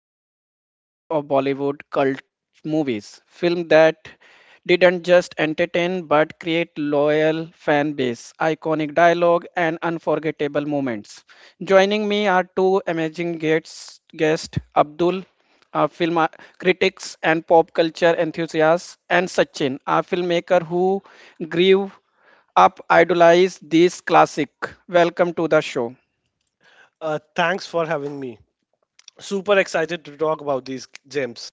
fascinating world of Bollywood cult movies, film that didn't just entertain but create loyal fan base, iconic dialogue, and unforgettable moments. Joining me are two amazing guests, guest Abdul film critics and pop culture enthusiasts, and Sachin, a filmmaker who grew up idolized this classic. Welcome to the show. Thanks for having me. Super excited to talk about these gems.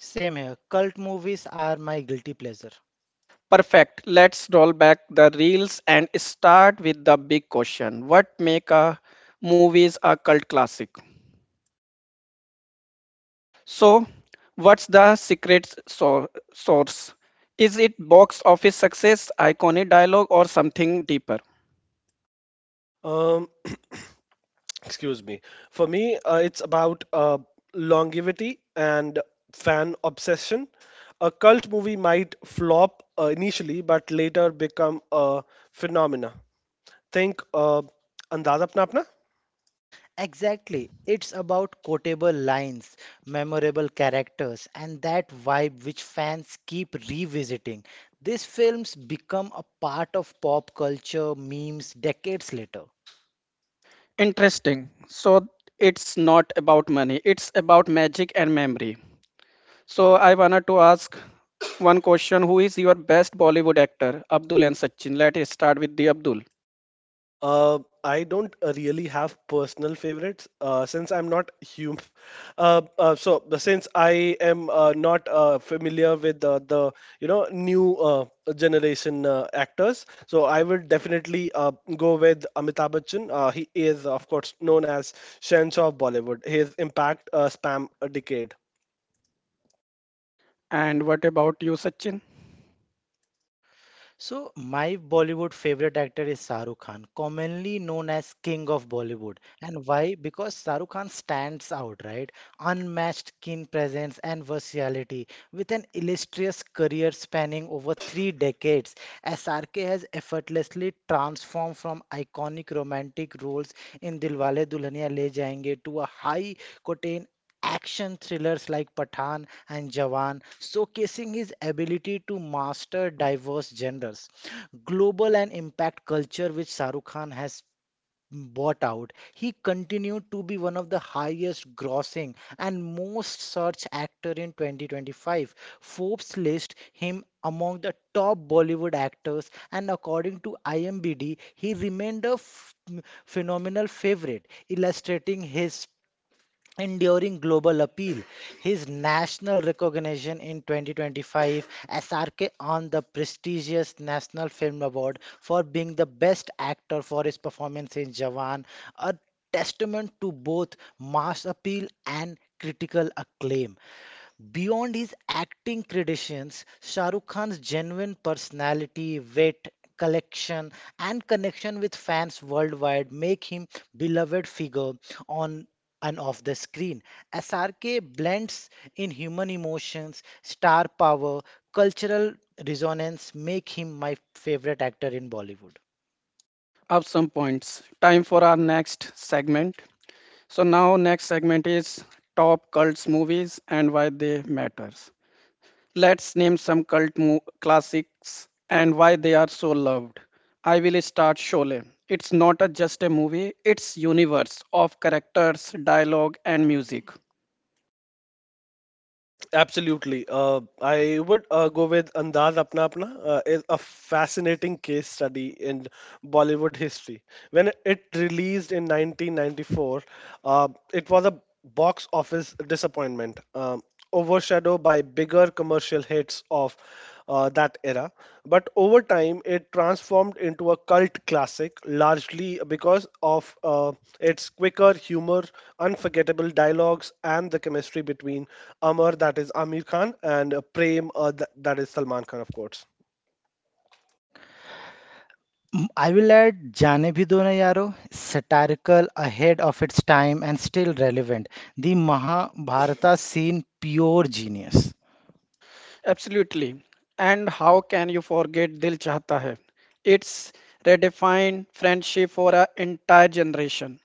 Same here. Cult movies are my guilty pleasure. Perfect. Let's roll back the reels and start with the big question. What make a movies a cult classic? So, what's the secret source? Is it box office success, iconic dialogue, or something deeper? Um, excuse me. For me, it's about longevity and fan obsession. A cult movie might flop initially, but later become a phenomena. Think Andaz Apna Apna? Exactly. It's about quotable lines, memorable characters, and that vibe which fans keep revisiting. These films become a part of pop culture memes decades later. Interesting. So it's not about money, it's about magic and memory. So I wanted to ask one question. Who is your best Bollywood actor, Abdul and Sachin? Let's start with the Abdul. I don't really have personal favorites since I'm not human. So but since I am not familiar with the new generation actors, so I would definitely go with Amitabh Bachchan. He is of course known as Shansha of Bollywood. His impact spam a decade. And what about you, Sachin? So, my Bollywood favorite actor is Shahrukh Khan, commonly known as King of Bollywood. And why? Because Shahrukh Khan stands out, right? Unmatched keen presence and versatility. With an illustrious career spanning over 3 decades, SRK has effortlessly transformed from iconic romantic roles in Dilwale Dulhania Le Jayenge to a high octane action thrillers like Pathan and Jawan, showcasing his ability to master diverse genres. Global and impact culture, which Shahrukh Khan has bought out, he continued to be one of the highest grossing and most searched actor in 2025. Forbes lists him among the top Bollywood actors, and according to IMDb, he remained a phenomenal favorite, illustrating his enduring global appeal. His national recognition in 2025, SRK on the prestigious National Film Award for being the best actor for his performance in Jawan, a testament to both mass appeal and critical acclaim. Beyond his acting credentials, Shah Rukh Khan's genuine personality, wit, collection, and connection with fans worldwide make him beloved figure on and off the screen. SRK blends in human emotions, star power, cultural resonance, make him my favorite actor in Bollywood. Up some points. Time for our next segment. So now next segment is top cults movies and why they matters. Let's name some classics and why they are so loved. I will start Sholay. It's not a, just a movie, it's universe of characters, dialogue and music. Absolutely. I would go with Andaz Apna Apna is a fascinating case study in Bollywood history. When it released in 1994, it was a box office disappointment, overshadowed by bigger commercial hits of that era. But over time, it transformed into a cult classic, largely because of its quicker humor, unforgettable dialogues, and the chemistry between Amar, that is Amir Khan, and Prem, that is Salman Khan, of course. I will add Jaane Bhi Do Na Yaro, satirical, ahead of its time, and still relevant. The Mahabharata scene, pure genius. Absolutely. And how can you forget Dil Chahta Hai? It's redefined friendship for an entire generation.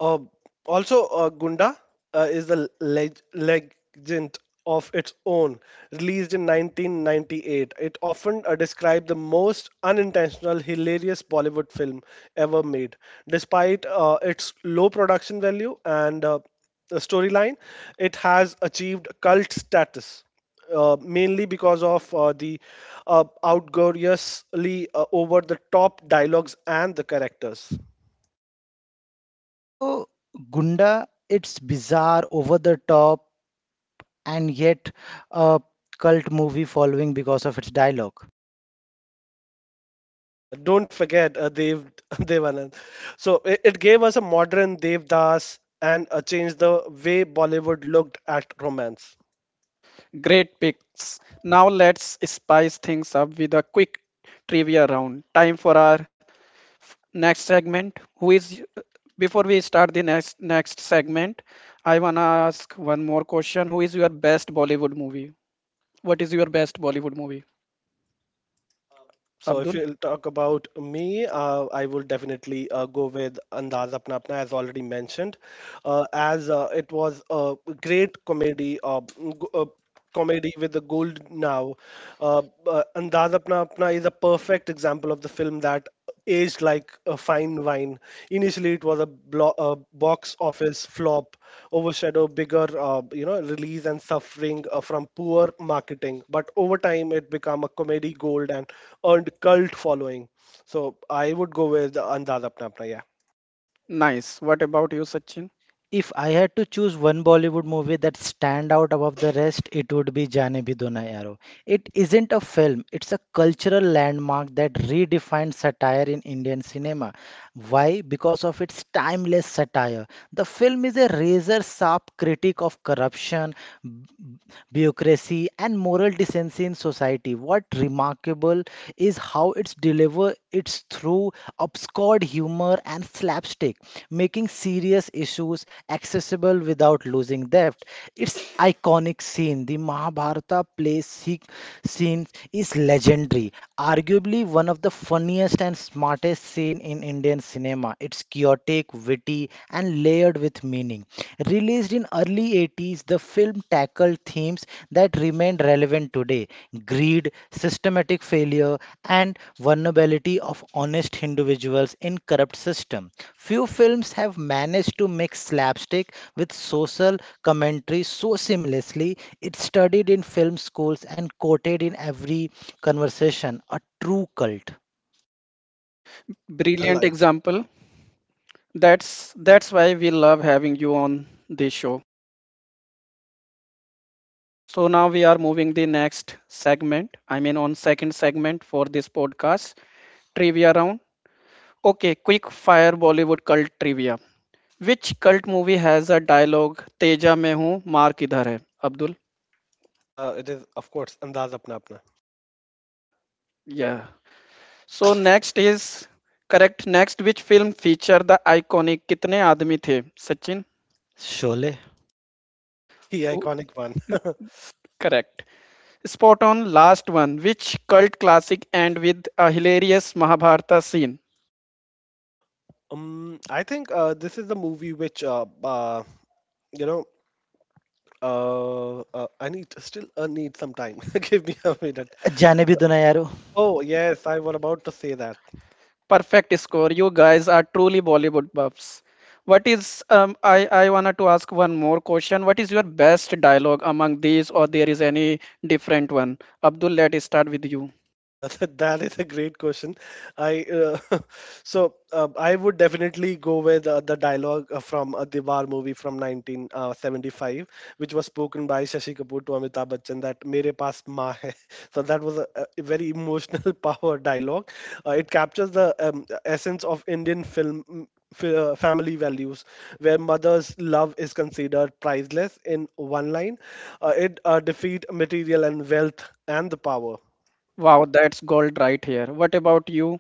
Uh, Also, Gunda is a legend of its own. Released in 1998, it often described the most unintentional, hilarious Bollywood film ever made. Despite its low production value and the storyline, it has achieved cult status. Mainly because of the outgeouriously over the top dialogues and the characters. Also, Gunda, it's bizarre, over the top, and yet a cult movie following because of its dialogue. Don't forget Dev Devanand. So it gave us a modern Devdas and changed the way Bollywood looked at romance. Great picks. Now let's spice things up with a quick trivia round. Time for our next segment. Who is before we start the next next segment I want to ask one more question. Who is your best Bollywood movie? What is your best Bollywood movie? So if Abdul? you talk about me, I will definitely go with Andaz Apna Apna, as already mentioned, as it was a great comedy, comedy with the gold now. Andaz Apna Apna is a perfect example of the film that aged like a fine wine. Initially, it was a box office flop, overshadowed bigger, release and suffering from poor marketing. But over time, it became a comedy gold and earned cult following. So I would go with the Andaz Apna Apna. Yeah, Nice. What about you, Sachin? If I had to choose one Bollywood movie that stand out above the rest, it would be Jaane Bhi Do Na Yaaro. It isn't a film, it's a cultural landmark that redefined satire in Indian cinema. Why? Because of its timeless satire. The film is a razor sharp critique of corruption, b- bureaucracy, and moral decency in society. What remarkable is how it's deliver it's through obscured humor and slapstick, making serious issues was accessible without losing depth. Its iconic scene, the Mahabharata play scene, is legendary, arguably one of the funniest and smartest scene in Indian cinema. It's chaotic, witty, and layered with meaning. Released in early 80s, the film tackled themes that remain relevant today: greed, systematic failure, and vulnerability of honest individuals in corrupt system. Few films have managed to mix slapstick with social commentary so seamlessly. It's studied in film schools and quoted in every conversation. A true cult. I Brilliant love it. example. That's why we love having you on this show. So now we are moving the next segment. I mean on second segment for this podcast, trivia round. Okay, quick fire Bollywood cult trivia. Which cult movie has a dialogue Teja mein hoon, maar kidhar hai? Abdul? It is of course Andaz Apna Apna, Yeah. So next is correct. Next, which film feature the iconic Kitne Aadmi The? Sachin? Sholay. the Who- iconic one. Correct. Spot on last one, which cult classic and with a hilarious Mahabharata scene. I think this is the movie which you know. I need still need some time. Give me a minute. जाने भी So, दो ना यार oh yes, I was about to say that. Perfect score. You guys are truly Bollywood buffs. What is I wanted to ask one more question. What is your best dialogue among these or there is any different one? Abdul, let's start with you. Uh, that is a great question. I so I would definitely go with the dialogue from Diwar movie from 1975, which was spoken by Shashi Kapoor to Amitabh Bachchan that "Mere paas maa hai." So that was a very emotional power dialogue. It captures the essence of Indian film. Family values, where mother's love is considered priceless in one line, it defeat material and wealth and the power. Wow, that's gold right here. What about you,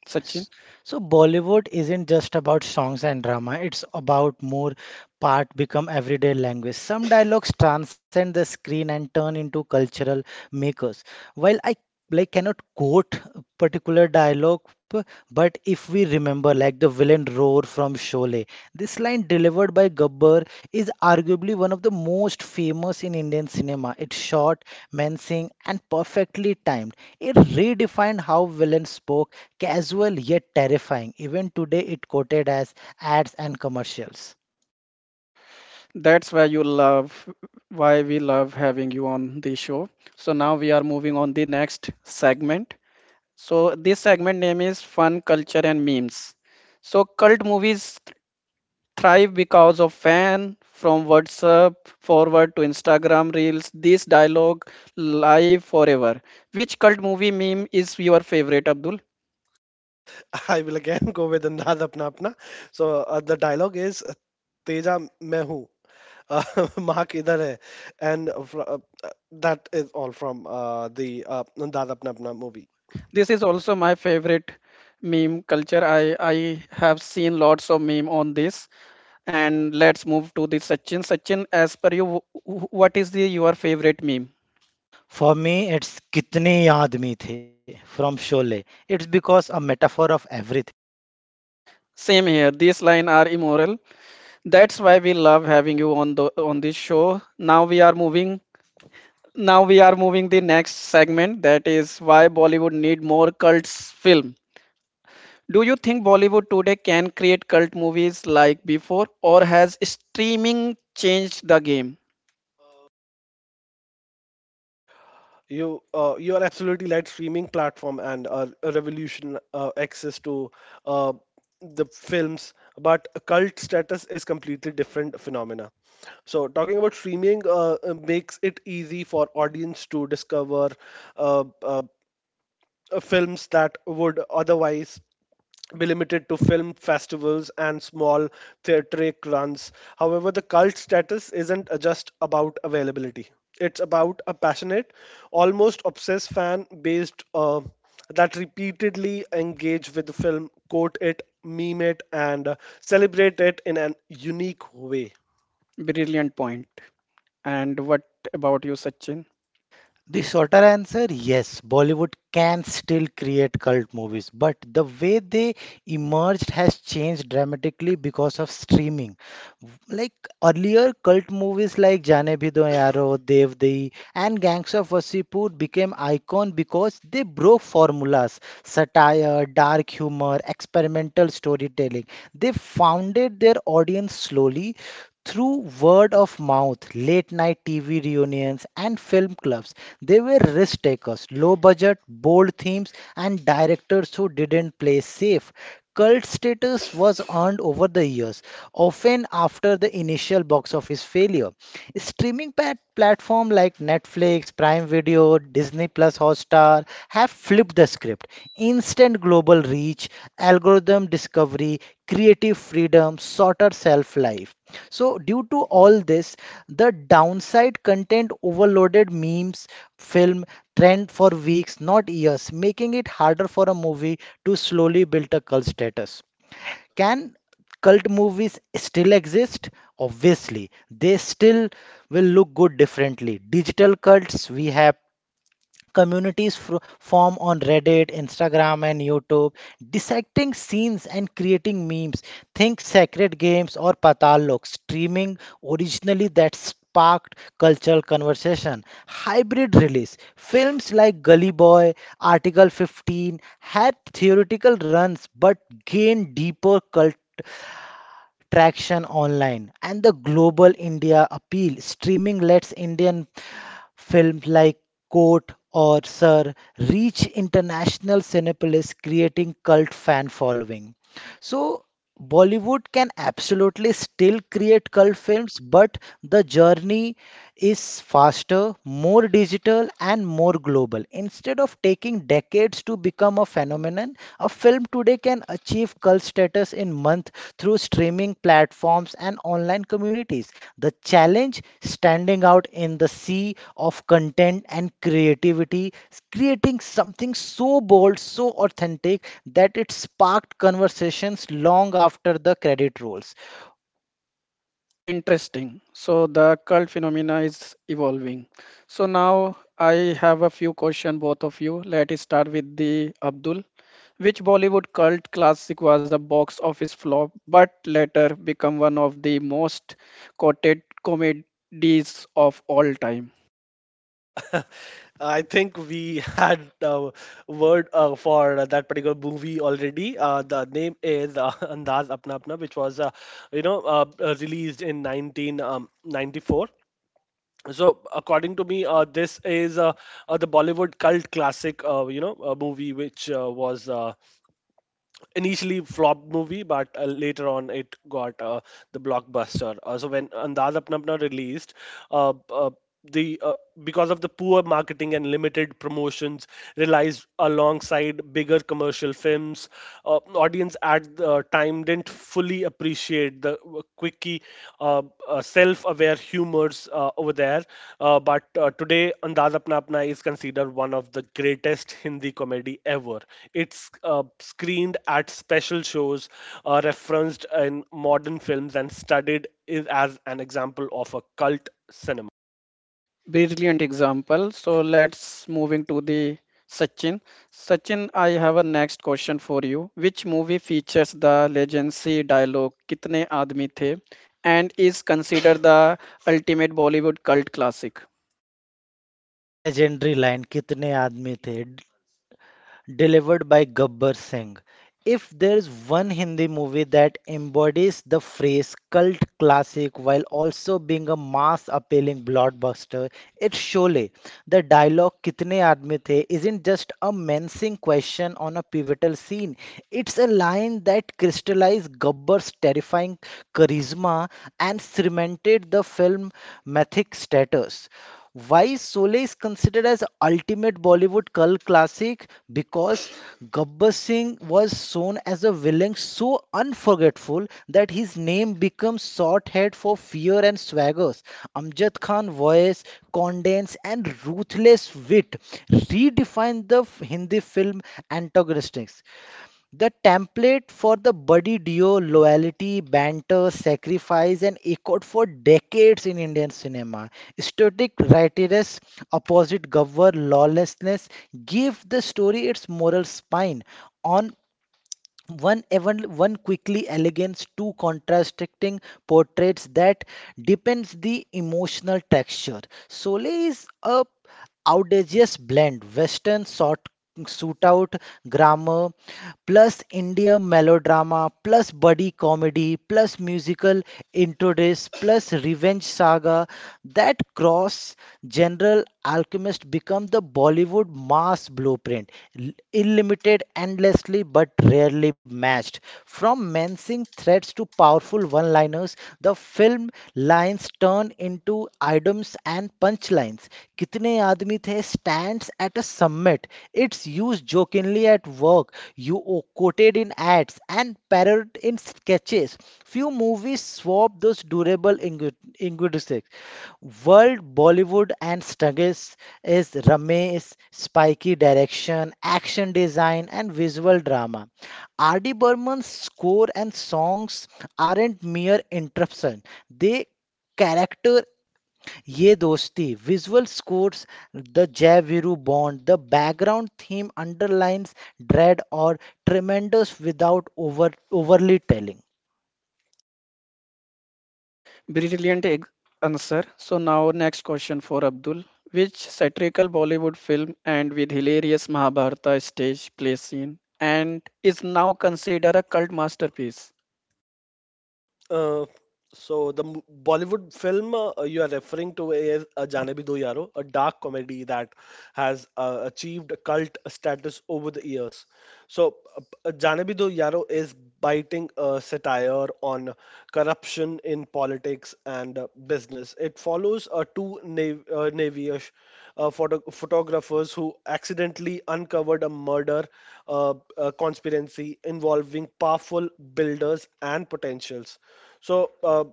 Sachin? S- So Bollywood isn't just about songs and drama, it's about more part become everyday language. Some dialogues transcend the screen and turn into cultural makers. While I like cannot quote particular dialogue, but if we remember like the villain roar from Sholay. This line delivered by Gabbar is arguably one of the most famous in Indian cinema. It's short, menacing, and perfectly timed. It redefined how villains spoke, casual yet terrifying. Even today, it quoted as ads and commercials. That's why you love why we love having you on the show. So now we are moving on the next segment. So this segment name is fun, culture and memes. So cult movies thrive because of fan from WhatsApp forward to Instagram reels. This dialogue live forever. Which cult movie meme is your favorite, Abdul? I will again go with Andaz Apna Apna. So the dialogue is Teja मैं हूँ Mark इधर है and that is all from the Andaz Apna Apna movie. This is also my favorite meme culture. I have seen lots of meme on this. And let's move to the Sachin. Sachin, as per you, what is the your favorite meme? For me, it's Kitne Aadmi The from Sholay. It's because a metaphor of everything. Same here. These line are immoral. That's why we love having you on the on this show. Now we are moving. Now we are moving the next segment. That is why Bollywood need more cults film. Do you think Bollywood today can create cult movies like before, or has streaming changed the game? You you are absolutely right. Streaming platform and a revolution access to uh, the films, but cult status is completely different phenomena. So, talking about streaming makes it easy for audience to discover uh, uh, films that would otherwise be limited to film festivals and small theatric runs. However, the cult status isn't just about availability. It's about a passionate, almost obsessed fan based that repeatedly engage with the film, quote it, meme it, and celebrate it in an unique way. Brilliant point. And what about you, Sachin? The shorter answer, yes, Bollywood can still create cult movies, but the way they emerged has changed dramatically because of streaming. Like earlier, cult movies like Jaane Bhi Do Yaaro, Devdahi, and Gangs of Wasseypur became icon because they broke formulas, satire, dark humor, experimental storytelling. They founded their audience slowly, through word of mouth, late night TV reunions, and film clubs, they were risk takers, low budget, bold themes, and directors who didn't play safe. Cult status was earned over the years, often after the initial box office failure. Streaming platforms like Netflix, Prime Video, Disney Plus Hotstar have flipped the script. Instant global reach, algorithm discovery, creative freedom, shorter shelf life. So, due to all this, the downside content overloaded memes, film, trend for weeks, not years, making it harder for a movie to slowly build a cult status. Can cult movies still exist? Obviously, they still will look good differently. Digital cults, we have Communities fro form on Reddit, Instagram, and YouTube, dissecting scenes and creating memes. Think Sacred Games or Patal Lok, streaming originally that sparked cultural conversation. Hybrid release. Films like Gully Boy, Article 15 had theoretical runs but gained deeper cult traction online and the global India appeal. Streaming lets Indian Films like Court or Sir reach international cinepolis, creating cult fan following. So Bollywood can absolutely still create cult films, but the journey is faster, more digital, and more global. Instead of taking decades to become a phenomenon, a film today can achieve cult status in months through streaming platforms and online communities. The challenge standing out in the sea of content and creativity, creating something so bold, so authentic that it sparked conversations long after the credit rolls. Interesting. So the cult phenomena is evolving. So now I have a few question both of you. Let us start with the Abdul. Which Bollywood cult classic was a box office flop but later become one of the most quoted comedies of all time? Uh, I think we had a word for that particular movie already. The name is Andaz Apna Apna, which was, released in 1994. So, according to me, this is the Bollywood cult classic, you know, movie which was initially flopped movie, but later on it got the blockbuster. So when Andaz Apna Apna released, uh, uh, the because of the poor marketing and limited promotions realized alongside bigger commercial films audience at the time didn't fully appreciate the quickie, self-aware humors over there. But today, Andaz Apna Apna is considered one of the greatest Hindi comedy ever. It's screened at special shows, referenced in modern films, and studied is as an example of a cult cinema. Brilliant example. So let's moving to the Sachin. Sachin, I have a next question for you. Which movie features the legendary dialogue Kitne Aadmi The and is considered the ultimate Bollywood cult classic? Legendary line, कितने आदमी थे? Delivered by Gabbar Singh. If there's one Hindi movie that embodies the phrase cult classic while also being a mass appealing blockbuster, it's Sholay. The dialogue "Kitne aadmi the" isn't just a menacing question on a pivotal scene. It's a line that crystallized Gabbar's terrifying charisma and cemented the film mythic status. Why Sole is considered as ultimate Bollywood cult classic? Because Gabbar Singh was shown as a villain so unforgettable that his name becomes shorthand for fear and swaggers. Amjad Khan voice, condensed and ruthless wit redefined the Hindi film antagonistics. The template for the buddy duo loyalty, banter, sacrifice, and echoed for decades in Indian cinema. Static writeress opposite Gawar lawlessness give the story its moral spine. On one even one quickly elegance, two contrasting portraits that depends the emotional texture. Sole is a outrageous blend, Western sort shootout grammar, plus India melodrama, plus buddy comedy, plus musical introduce, plus revenge saga. That cross general alchemist become the Bollywood mass blueprint, unlimited endlessly but rarely matched. From menacing threats to powerful one-liners, the film lines turn into items and punchlines. Kitne Aadmi The stands at a summit. It's used jokingly at work. You quoted in ads and parodied in sketches. Few movies swap those durable ingredients. World Bollywood and struggles is Ramesh's spiky direction, action design, and visual drama. R.D. Burman's score and songs aren't mere interruption; they character ये दोस्ती visual scores the jaiviru bond the background theme underlines dread or tremendous without overly telling. brilliant ex- answer. So now next question for Abdul. Which satirical Bollywood film and with hilarious Mahabharata stage play scene and is now considered a cult masterpiece? Uh, so the Bollywood film you are referring to is Jaane Bhi Do Yaro, a dark comedy that has achieved cult status over the years. So, Jaane Bhi Do Yaro is biting satire on corruption in politics and business. It follows two Navyish photographers who accidentally uncovered a murder conspiracy involving powerful builders and potentials. So,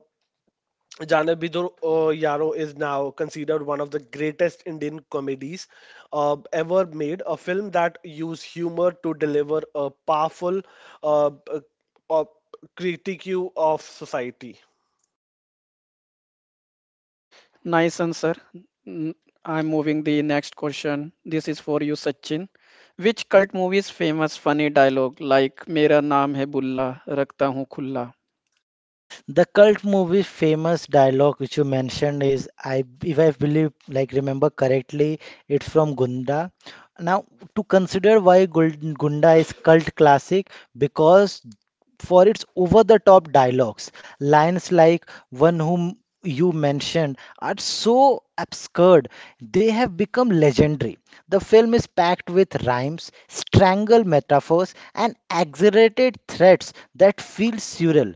Janabidro Yaro is now considered one of the greatest Indian comedies ever made. A film that used humor to deliver a powerful uh, uh, uh, critique of society. Nice answer. N- I'm moving the next question. This is for you, Sachin. Which cult movie's famous funny dialogue like "Mera naam hai Bulla, रखता हूँ Khulla"? The cult movie famous dialogue which you mentioned is I if I believe like remember correctly it's from Gunda. Now to consider why Gunda is cult classic because for its over the top dialogues lines like one whom you mentioned are so absurd they have become legendary the film is packed with rhymes strangle metaphors and exaggerated threats that feel surreal.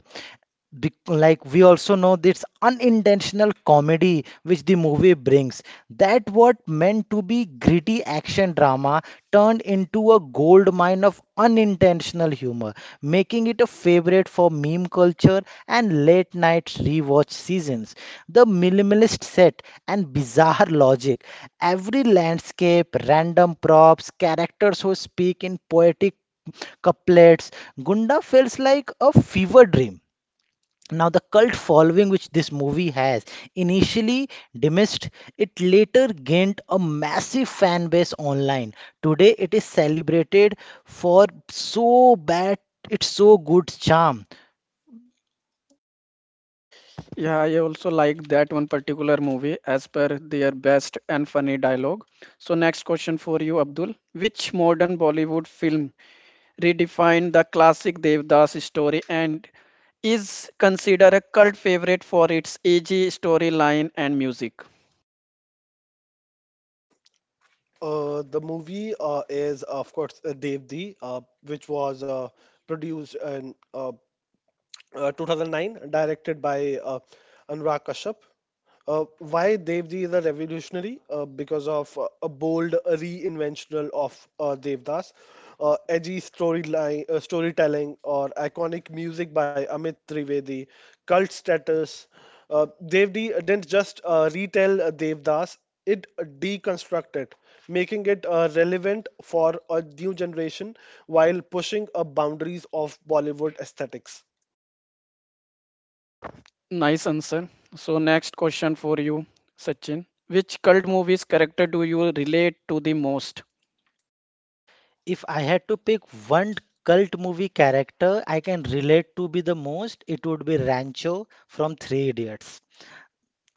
Like we also know this unintentional comedy which the movie brings that what meant to be gritty action drama turned into a gold mine of unintentional humor making it a favorite for meme culture and late night rewatch seasons the minimalist set and bizarre logic every landscape random props characters who speak in poetic couplets gunda feels like a fever dream now, the cult following which this movie has initially dismissed, it later gained a massive fan base online. Today, it is celebrated for so bad, it's so good charm. Yeah, I also like that one particular movie as per their best and funny dialogue. So next question for you, Abdul. Which modern Bollywood film redefined the classic Devdas story and is considered a cult favorite for its edgy storyline and music? The movie is, of course, Devdi, which was produced and 2009, directed by Anurag Kashyap. Why Devdi is a revolutionary? Because of a bold reinventional of Devdas, edgy storyline, storytelling, or iconic music by Amit Trivedi, cult status. Devdi didn't just retell Devdas; it deconstructed, making it relevant for a new generation while pushing boundaries of Bollywood aesthetics. Nice answer. So, next question for you, Sachin. Which cult movie's character do you relate to the most? If I had to pick one cult movie character I can relate to be the most, it would be Rancho from Three Idiots.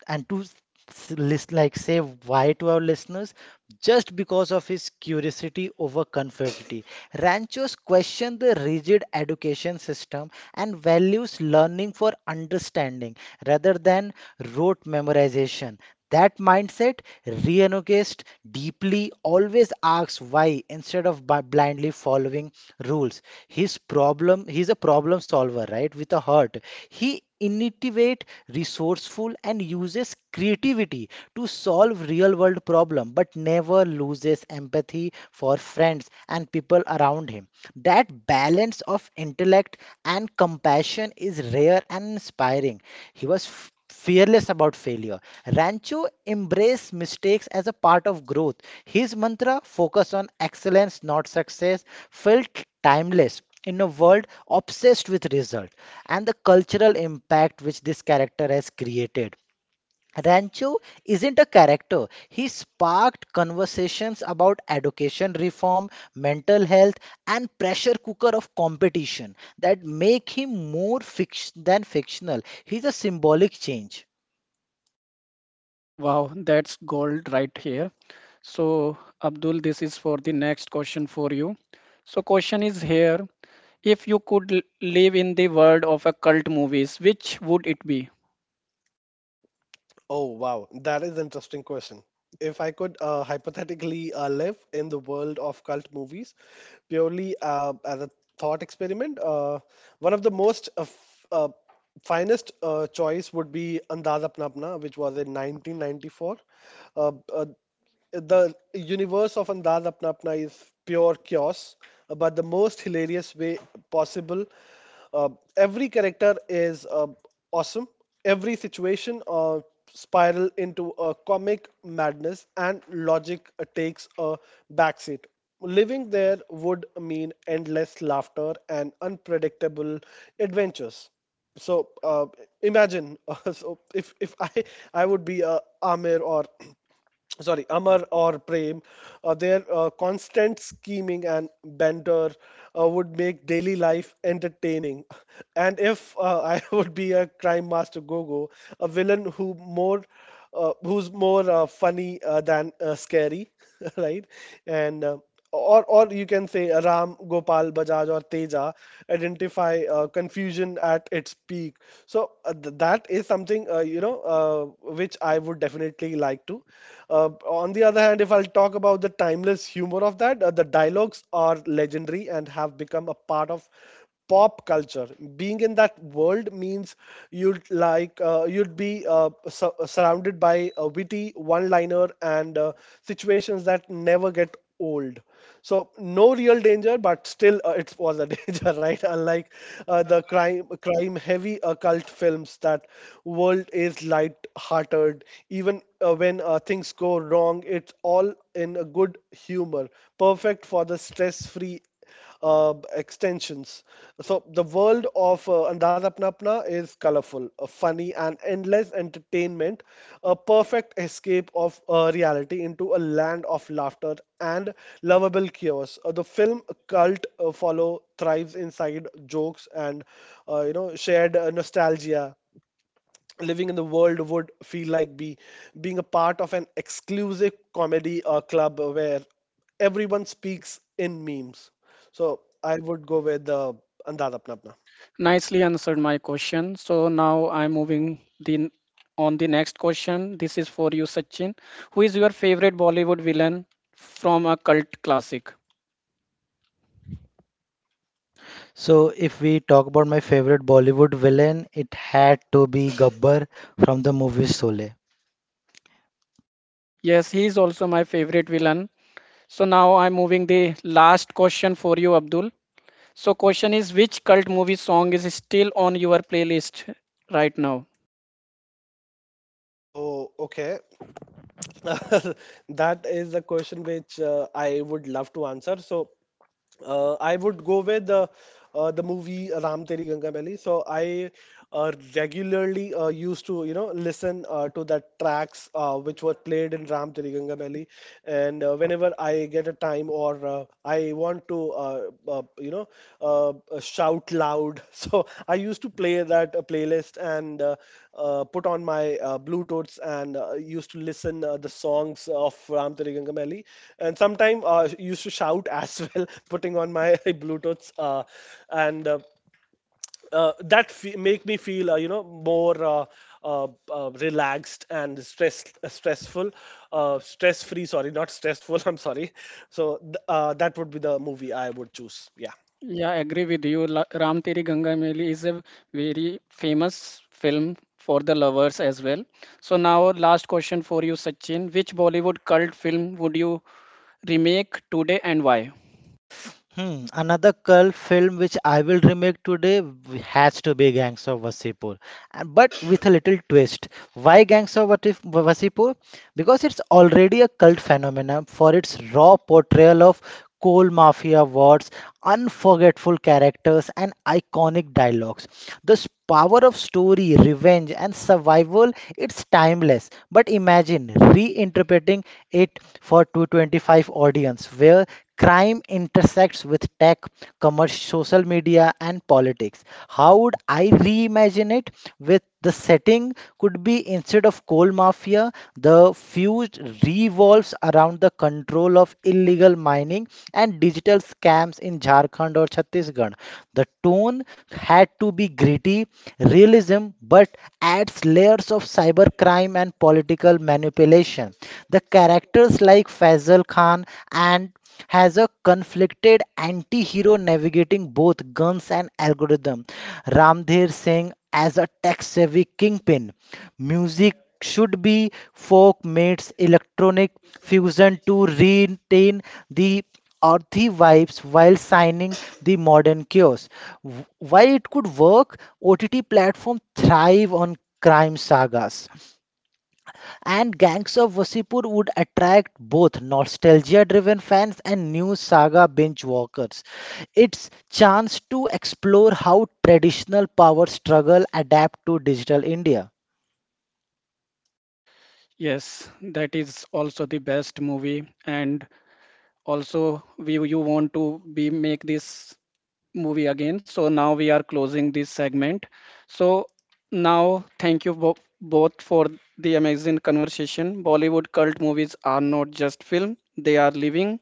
And to list like say why to our listeners just because of his curiosity over conformity ranchos question the rigid education system and values learning for understanding rather than rote memorization that mindset, Reanogist deeply always asks why instead of blindly following rules. His problem, he's a problem solver, right? With a heart. He innovate, resourceful, and uses creativity to solve real world problem, but never loses empathy for friends and people around him. That balance of intellect and compassion is rare and inspiring. He was fearless about failure. Rancho embraced mistakes as a part of growth. His mantra, focus on excellence, not success, felt timeless in a world obsessed with results and the cultural impact which this character has created. Rancho isn't a character. He sparked conversations about education reform, mental health, and pressure cooker of competition that make him more fiction than fictional. He's a symbolic change. Wow, that's gold right here. So, Abdul, this is for the next question for you. So, question is here. If you could live in the world of a cult movies, which would it be? Oh, wow. That is an interesting question. If I could hypothetically live in the world of cult movies purely as a thought experiment, one of the most finest choice would be Andaz Apna Apna, which was in 1994. Uh, uh, the universe of Andaz Apna Apna is pure chaos, but the most hilarious way possible. Uh, every character is awesome. Every situation spiral into a comic madness, and logic takes a backseat. Living there would mean endless laughter and unpredictable adventures. So imagine, so if I I would be a Amir or sorry amar or prem their constant scheming and banter would make daily life entertaining. And if I would be a crime master gogo, a villain who more who's more funny than scary, right? And uh, or or you can say Ram Gopal Bajaj or Teja identify confusion at its peak. So that is something which I would definitely like to. On the other hand, if I'll talk about the timeless humor of that, the dialogues are legendary and have become a part of pop culture. Being in that world means you'd be surrounded by a witty one liner and situations that never get old, so no real danger, but still it was a danger, right? Unlike the crime heavy occult films, that world is light hearted, even when things go wrong, it's all in a good humor, perfect for the stress free extensions. So the world of Andaz Apna Apna is colorful, funny, and endless entertainment, a perfect escape of reality into a land of laughter and lovable chaos. The film cult follow thrives inside jokes and shared nostalgia. Living in the world would feel like be being a part of an exclusive comedy club where everyone speaks in memes. So I would go with the Andaz Apna Apna. Nicely answered my question. So now I'm moving the on the next question. This is for you, Sachin. Who is your favorite Bollywood villain from a cult classic? So if we talk about my favorite Bollywood villain, it had to be Gabbar from the movie Sole. Yes, he is also my favorite villain. So now I'm moving the last question for you, Abdul. So question is which cult movie song is still on your playlist right now? Oh, okay. That is a question which I would love to answer. So, I would go with the movie Ram Teri Ganga Meli. So I regularly used to, you know, listen to the tracks which were played in Ram Teri Ganga Meli, and whenever I get a time or I want to, shout loud. So I used to play that playlist and put on my Bluetooths and used to listen the songs of Ram Teri Gangamali. And sometime used to shout as well, putting on my Bluetooths and that make me feel more relaxed and stressful stress free, sorry, not stressful, I'm sorry. So that would be the movie I would choose, yeah. Yeah, I agree with you. Ram Teri Ganga Meli is a very famous film for the lovers as well. So now last question for you, Sachin. Which Bollywood cult film would you remake today and why? Another cult film which I will remake today has to be Gangs of Wasipur, and but with a little twist. Why Gangs of Wasipur? Because it's already a cult phenomenon for its raw portrayal of coal mafia wars, unforgettable characters, and iconic dialogues. The power of story, revenge, and survival, it's timeless. But imagine reinterpreting it for 225 audience where Crime intersects with tech, commerce, social media, and politics. How would I reimagine it? With the setting could be instead of coal mafia, the fuse revolves around the control of illegal mining and digital scams in Jharkhand or Chhattisgarh. The tone had to be gritty, realism, but adds layers of cybercrime and political manipulation. The Characters like Faisal Khan and has a conflicted anti-hero navigating both guns and algorithm. Ramdheer Singh as a tech-savvy kingpin. Music should be folk meets electronic fusion to retain the earthy vibes while signing the modern chaos. While it could work, OTT platform thrive on crime sagas. And Gangs of Wasseypur would attract both nostalgia-driven fans and new saga binge walkers. It's chance to explore how traditional power struggle adapt to digital India. Yes, that is also the best movie and also we you want to be make this movie again. So now we are closing this segment. So now thank you both for the amazing conversation. Bollywood cult movies are not just film, they are living,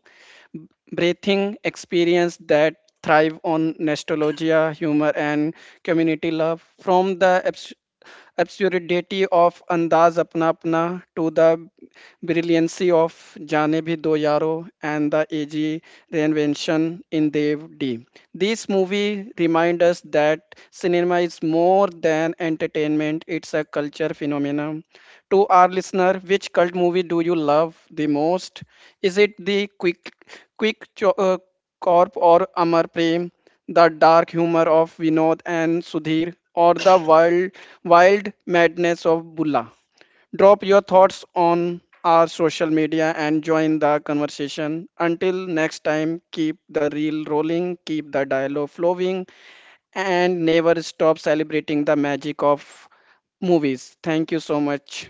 breathing experience that thrive on nostalgia, humor, and community love. From the absurdity of Andaz Apna Apna to the brilliancy of Jaane Bhi Do Yaro and the AG reinvention in Dev D. These movies remind us that cinema is more than entertainment, it's a culture phenomenon. To our listener, which cult movie do you love the most? Is it the Quick Cho- uh, Corp or Amar Prem, the dark humor of Vinod and Sudhir, or the wild madness of Bulla? Drop your thoughts on our social media and join the conversation. Until next time, keep the reel rolling, keep the dialogue flowing, and never stop celebrating the magic of movies. Thank you so much.